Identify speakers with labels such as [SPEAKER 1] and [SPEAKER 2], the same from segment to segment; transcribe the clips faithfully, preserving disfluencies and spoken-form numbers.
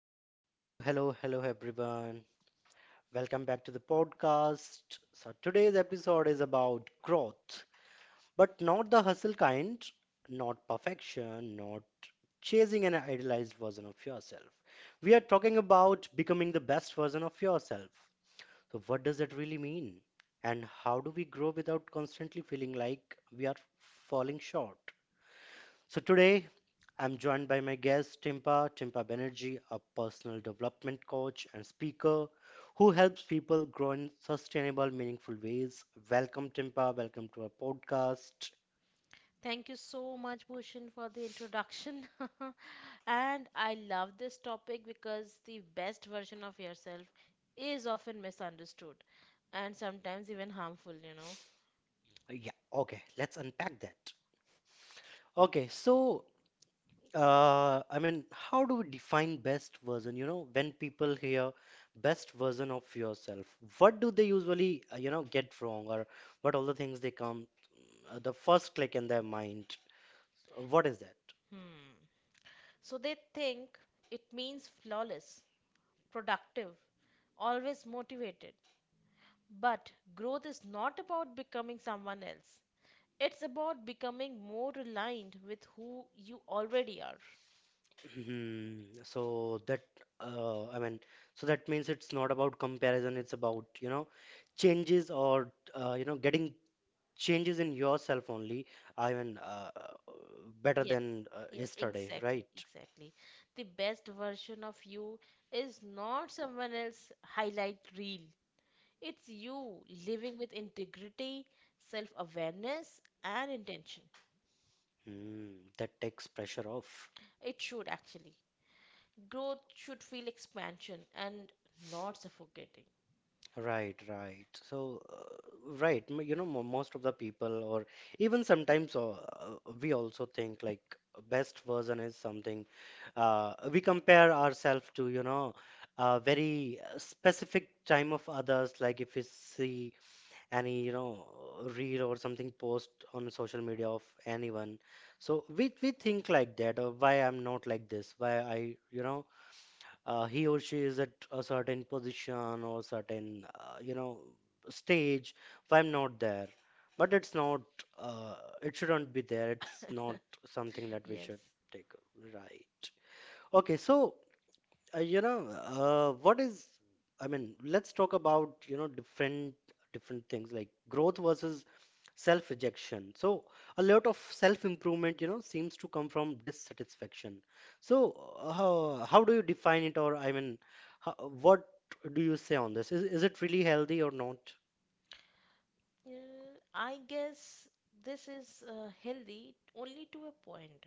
[SPEAKER 1] Hello, hello, hello, hello, everyone. Welcome back to the podcast. So, today's episode is about growth, but not the hustle kind, not perfection, not chasing an idealized version of yourself. We are talking about becoming the best version of yourself. So, what does that really mean? And how do we grow without constantly feeling like we are falling short? So, today I'm joined by my guest, Timpa, Timpa Banerjee, a personal development coach and speaker who helps people grow in sustainable, meaningful ways. Welcome, Timpa. Welcome to our podcast.
[SPEAKER 2] Thank you so much, Bhushan, for the introduction. And I love this topic because the best version of yourself is often misunderstood and sometimes even harmful, you know.
[SPEAKER 1] Yeah, okay, let's unpack that. Okay, so uh, I mean, how do we define best version? You know, when people hear best version of yourself, what do they usually, uh, you know, get wrong, or what all the things they come, uh, the first click in their mind? So what is that?
[SPEAKER 2] Hmm. So they think it means flawless, productive, always motivated. But growth is not about becoming someone else, it's about becoming more aligned with who you already are.
[SPEAKER 1] Hmm. So that uh, I mean, so that means it's not about comparison. It's about, you know, changes or, uh, you know, getting changes in yourself only. I mean, uh, uh, better
[SPEAKER 2] Yes,
[SPEAKER 1] than uh,
[SPEAKER 2] yes,
[SPEAKER 1] yesterday,
[SPEAKER 2] exactly,
[SPEAKER 1] right?
[SPEAKER 2] exactly. The best version of you is not someone else highlight reel. It's you living with integrity, self awareness, and intention.
[SPEAKER 1] Hmm. That takes pressure off.
[SPEAKER 2] It should actually. Growth should feel expansion and not suffocating.
[SPEAKER 1] Right, right. So, uh, right, m- you know, mo- most of the people, or even sometimes, uh, uh, we also think like best version is something uh, we compare ourselves to, you know, a very uh, specific time of others. Like if we see any, you know, reel or something post on social media of anyone, so we we think like that. Or why I'm not like this? Why I, you know, uh, he or she is at a certain position or certain, uh, you know, stage. Why I'm not there? But it's not, uh, it shouldn't be there. It's not something that we
[SPEAKER 2] Yes.
[SPEAKER 1] should take, right? Okay, so uh, you know, uh, what is, I mean, let's talk about, you know, different different things like growth versus self rejection. So a lot of self improvement, you know, seems to come from dissatisfaction. So uh, how, how do you define it, or I mean, how, what do you say on this? is, is it really healthy or not?
[SPEAKER 2] Uh, I guess this is uh, healthy only to a point.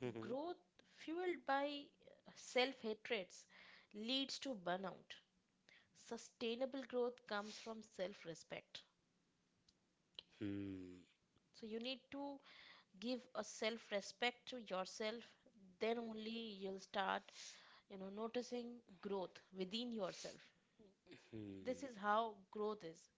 [SPEAKER 1] Hmm.
[SPEAKER 2] Growth fueled by self hatreds leads to burnout. Sustainable growth comes from self respect.
[SPEAKER 1] Hmm.
[SPEAKER 2] So you need to give a self respect to yourself, then only you'll start, you know, noticing growth within yourself.
[SPEAKER 1] Hmm.
[SPEAKER 2] This is how growth is.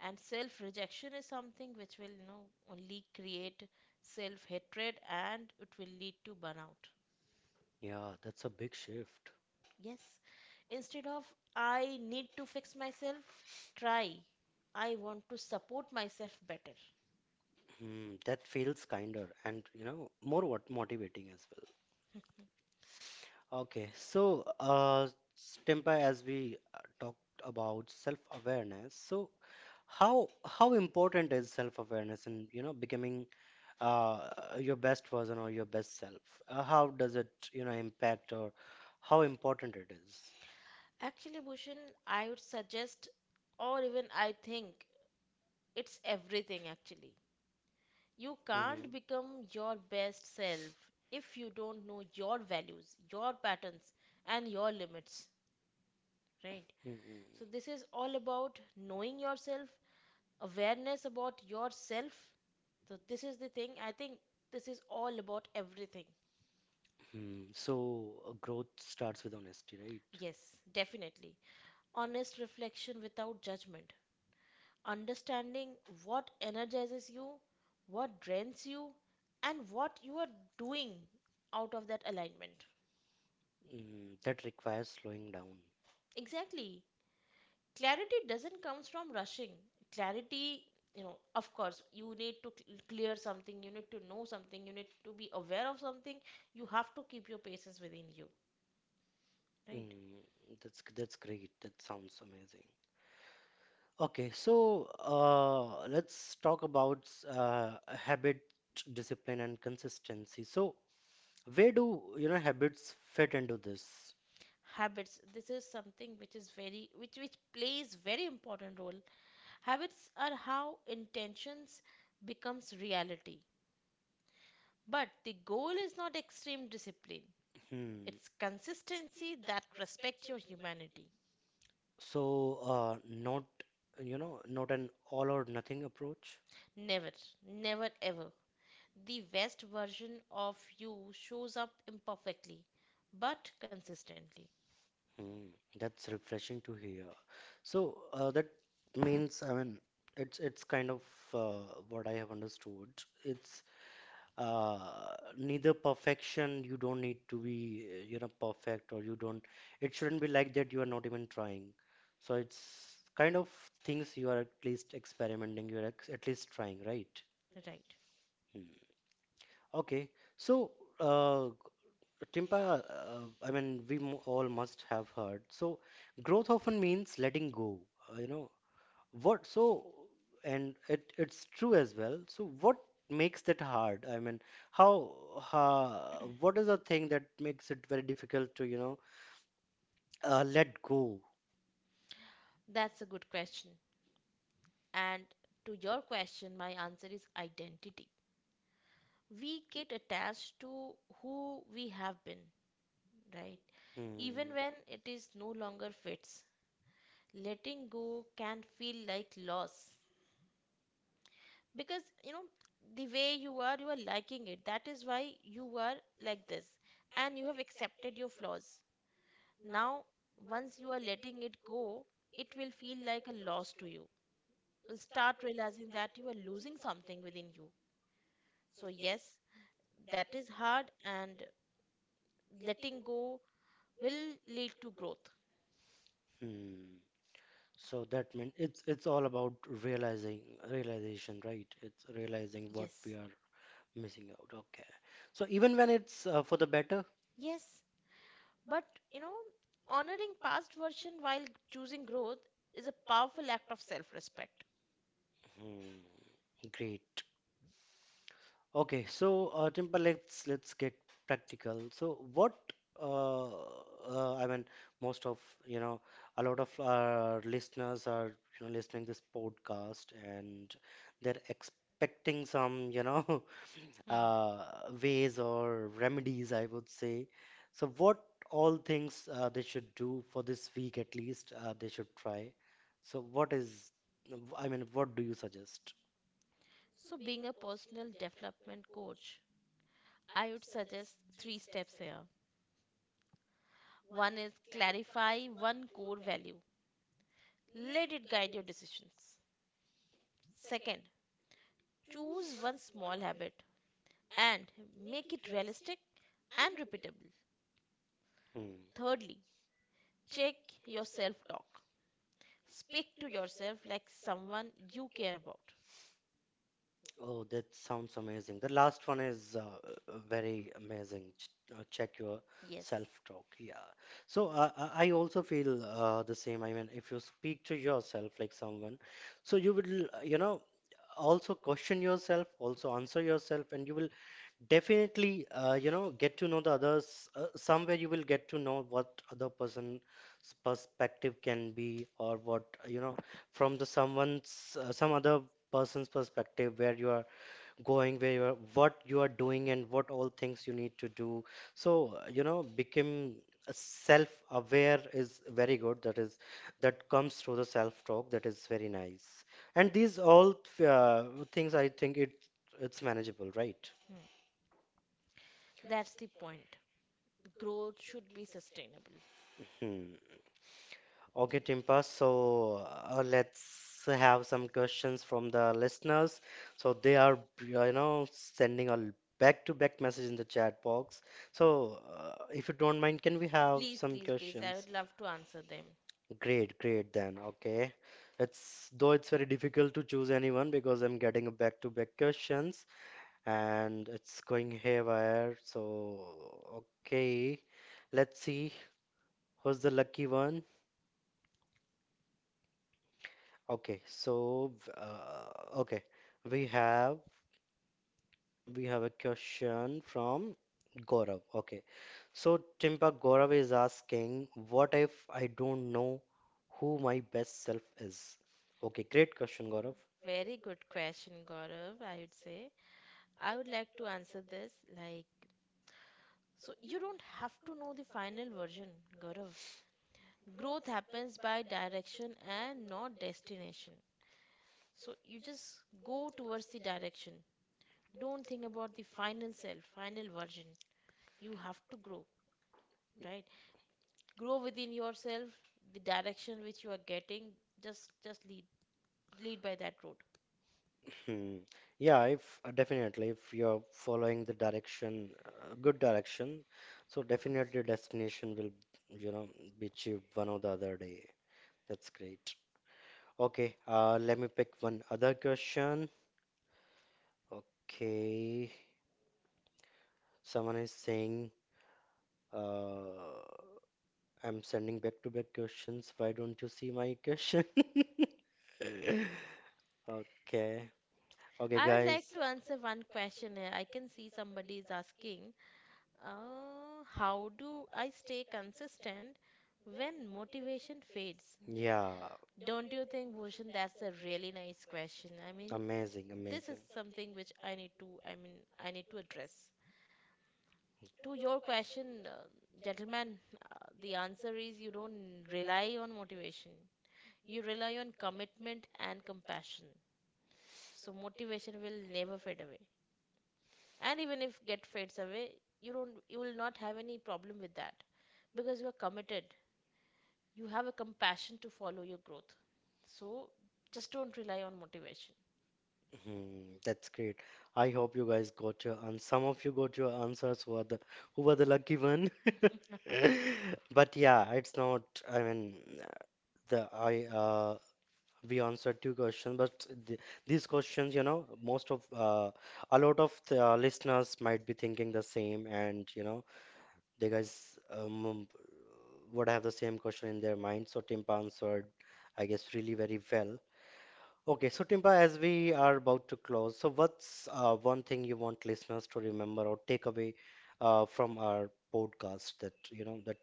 [SPEAKER 2] And self rejection is something which will, you know, only create self hatred and it will lead to burnout.
[SPEAKER 1] Yeah, that's a big shift.
[SPEAKER 2] Yes. Instead of I need to fix myself, try I want to support myself better.
[SPEAKER 1] Hmm. That feels kinder and, you know, more what motivating as well. Okay, so uh, Tempa, as we uh, talked about self-awareness, so how how important is self-awareness in, you know, becoming uh, your best version or your best self? Uh, how does it, you know, impact, or how important it is?
[SPEAKER 2] Actually, Bhushan, I would suggest, or even I think, it's everything actually. You
[SPEAKER 1] Mhm.
[SPEAKER 2] can't become your best self if you don't know your values, your patterns, and your limits, right?
[SPEAKER 1] Mhm.
[SPEAKER 2] So, this is all about knowing yourself, awareness about yourself. So, this is the thing. I think this is all about everything.
[SPEAKER 1] Hmm, so uh, growth starts with honesty, right?
[SPEAKER 2] Yes, definitely. Honest reflection without judgment. Understanding what energizes you, what drains you, and what you are doing out of that alignment.
[SPEAKER 1] Mm, that requires slowing down.
[SPEAKER 2] Exactly. Clarity doesn't come from rushing. Clarity, you know, of course, you need to cl- clear something, you need to know something, you need to be aware of something. You have to keep your patience within you, right?
[SPEAKER 1] Mm, that's that's great. That sounds amazing. Okay, so uh, let's talk about s- uh, habit, discipline, and consistency. So where do, you know, habits fit into this?
[SPEAKER 2] Habits. This is something which is very which which plays very important role. Habits are how intentions becomes reality. But the goal is not extreme discipline,
[SPEAKER 1] Hmm.
[SPEAKER 2] it's consistency that respects your humanity.
[SPEAKER 1] So uh, not, you know, not an all or nothing approach.
[SPEAKER 2] Never, never ever. The West version of you shows up imperfectly, but consistently.
[SPEAKER 1] Hmm. That's refreshing to hear. So uh, that means, I mean, it's it's kind of uh, what I have understood. It's uh neither perfection. You don't need to be, uh, you know, perfect, or you don't, it shouldn't be like that you are not even trying. So it's kind of things you are at least experimenting, you're ex- at least trying, right?
[SPEAKER 2] Right.
[SPEAKER 1] Hmm. Okay, so uh Timpa, uh, I mean, we mo- all must have heard, so growth often means letting go, uh, you know what so, and it it's true as well. So what makes that hard? I mean, how, how what is the thing that makes it very difficult to, you know, uh, let go?
[SPEAKER 2] That's a good question. And to your question, my answer is identity. We get attached to who we have been, right?
[SPEAKER 1] Hmm.
[SPEAKER 2] Even when it is no longer fits. Letting go can feel like loss, because you know the way you are, you are liking it, that is why you are like this, and you have accepted your flaws now. Once you are letting it go, it will feel like a loss to you. You'll start realizing that you are losing something within you. So yes, that is hard, and letting go will lead to growth.
[SPEAKER 1] Hmm. So that means it's it's all about realizing realization, right? It's realizing what
[SPEAKER 2] Yes,
[SPEAKER 1] we are missing out. Okay. So even when it's uh, for the better.
[SPEAKER 2] yes. But you know honoring past version while choosing growth is a powerful act of self respect.
[SPEAKER 1] Hmm. Great. Okay, so uh, Timber, let's let's get practical. So what, uh, uh, I mean, most of, you know, a lot of our listeners are, you know, listening this podcast and they're expecting some, you know,
[SPEAKER 2] Hmm.
[SPEAKER 1] uh, ways or remedies, I would say. So what all things uh, they should do for this week, at least uh, they should try. So what is, I mean, what do you suggest?
[SPEAKER 2] So, being a personal development coach, I would suggest three steps here. One is clarify one core value, let it guide your decisions. Second, choose one small habit and make it realistic and repeatable.
[SPEAKER 1] Hmm.
[SPEAKER 2] Thirdly, check your self talk. Speak to yourself like someone you care about.
[SPEAKER 1] Oh, that sounds amazing. The last one is uh, uh, very amazing. Ch- uh, check your
[SPEAKER 2] Yes.
[SPEAKER 1] self-talk. Yeah. So uh, I I also feel uh, the same. I mean, if you speak to yourself like someone, so you will, uh, you know, also question yourself, also answer yourself, and you will definitely, uh, you know, get to know the others. Uh, somewhere you will get to know what other person's perspective can be, or what, you know, from the someone's, uh, some other person's perspective, where you are going, where you are, what you are doing, and what all things you need to do. So uh, you know, become self aware is very good. That is, that comes through the self talk. That is very nice. And these all uh, things, I think it it's manageable, right?
[SPEAKER 2] Hmm, that's the point. Growth should be sustainable.
[SPEAKER 1] Hmm. Okay, Timpa. So uh, let's have some questions from the listeners. So they are, uh, you know, sending a back-to-back message in the chat box. So uh, if you don't mind, can we have
[SPEAKER 2] Please,
[SPEAKER 1] some
[SPEAKER 2] please, please. I
[SPEAKER 1] questions?
[SPEAKER 2] would love to answer them.
[SPEAKER 1] Great, great then. Okay. It's though it's very difficult to choose anyone because I'm getting a back-to-back questions and it's going haywire. So okay, let's see who's the lucky one. Okay, so uh, okay, we have we have a question from Gaurav. Okay, so Timpa, Gaurav is asking, what if I don't know who my best self is? Okay, great question,
[SPEAKER 2] Mm,
[SPEAKER 1] Gaurav.
[SPEAKER 2] very good question, Gaurav, I would say. I would like to answer this like, so you don't have to know the final version, Gaurav. Growth happens by direction and not destination. So you just go towards the direction. Don't think about the final self, final version. You have to grow, right? Grow within yourself, the direction which you are getting, just just lead lead by that road.
[SPEAKER 1] Hmm. Yeah, if uh, definitely if you're following the direction, uh, good direction, so definitely your destination will, you know, be achieved one or the other day. That's great. Okay, uh, let me pick one other question. Okay. Someone is saying, uh, I'm sending back to back questions. Why don't you see my question? Okay. Okay,
[SPEAKER 2] I would
[SPEAKER 1] guys.
[SPEAKER 2] like to answer one question here. I can see somebody is asking, uh, how do I stay consistent when motivation fades?
[SPEAKER 1] Yeah.
[SPEAKER 2] Don't you think, Bhushan, that's a really nice question? I mean,
[SPEAKER 1] Amazing,
[SPEAKER 2] this is
[SPEAKER 1] amazing.
[SPEAKER 2] something which I need to, I mean, I need to address. To your question, uh, gentleman, uh, the answer is you don't rely on motivation. You rely on commitment and compassion. So motivation will never fade away. And even if get fades away, you don't, you will not have any problem with that, because you are committed, you have a compassion to follow your growth. So just don't rely on motivation.
[SPEAKER 1] Hmm, that's great. I hope you guys got your, and some of you got your answers who are the, who were the lucky one. But yeah, it's not, I mean, uh, the I uh we answered two questions, but th these questions, you know, most of uh a lot of the uh, listeners might be thinking the same, and you know, they guys um would have the same question in their mind. So Timpa answered, I guess, really very well. Okay, so Timba, as we are about to close, so what's uh, one thing you want listeners to remember or take away uh, from our podcast, that you know, that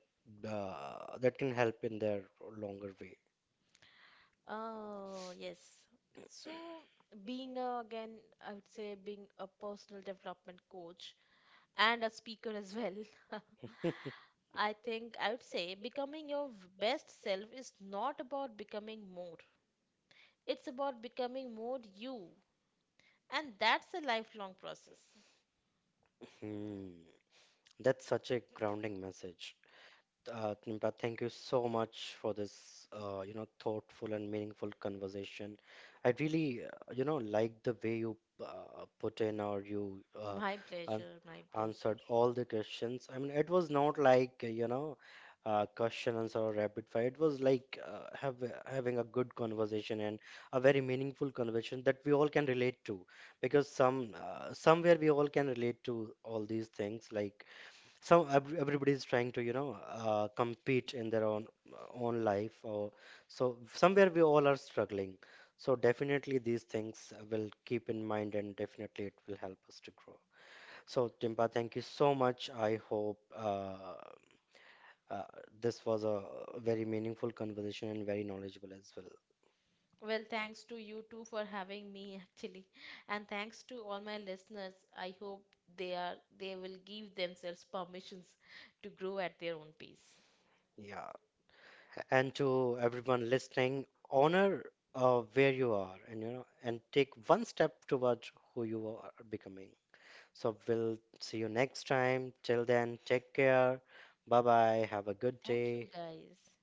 [SPEAKER 1] uh, that can help in their longer way?
[SPEAKER 2] Oh yes. So being a, again, I would say, being a personal development coach and a speaker as well. I think I would say becoming your v- best self is not about becoming more, it's about becoming more you, and that's a lifelong process.
[SPEAKER 1] Hmm, that's such a grounding message. Uh, Kimpa, thank you so much for this, uh, you know, thoughtful and meaningful conversation. I really, uh, you know, like the way you uh, put in, or you uh,
[SPEAKER 2] My
[SPEAKER 1] an-
[SPEAKER 2] pleasure, my
[SPEAKER 1] answered
[SPEAKER 2] pleasure.
[SPEAKER 1] all the questions. I mean, it was not like, uh, you know, uh, question answer or rapid fire. It was like uh, have, having a good conversation, and a very meaningful conversation that we all can relate to, because some, uh, somewhere we all can relate to all these things. Like some, ev- everybody is trying to, you know, uh, compete in their own own life, or so somewhere we all are struggling. So definitely these things will keep in mind, and definitely it will help us to grow. So Timpa, thank you so much. I hope uh, uh, this was a very meaningful conversation and very knowledgeable as well.
[SPEAKER 2] Well, thanks to you too for having me actually. And thanks to all my listeners. I hope they are they will give themselves permissions to grow at their own pace.
[SPEAKER 1] Yeah, and to everyone listening, honor uh, where you are, and you know, and take one step towards who you are becoming. So we'll see you next time. Till then, take care. Bye bye. Have a good
[SPEAKER 2] Thank you
[SPEAKER 1] day.
[SPEAKER 2] guys.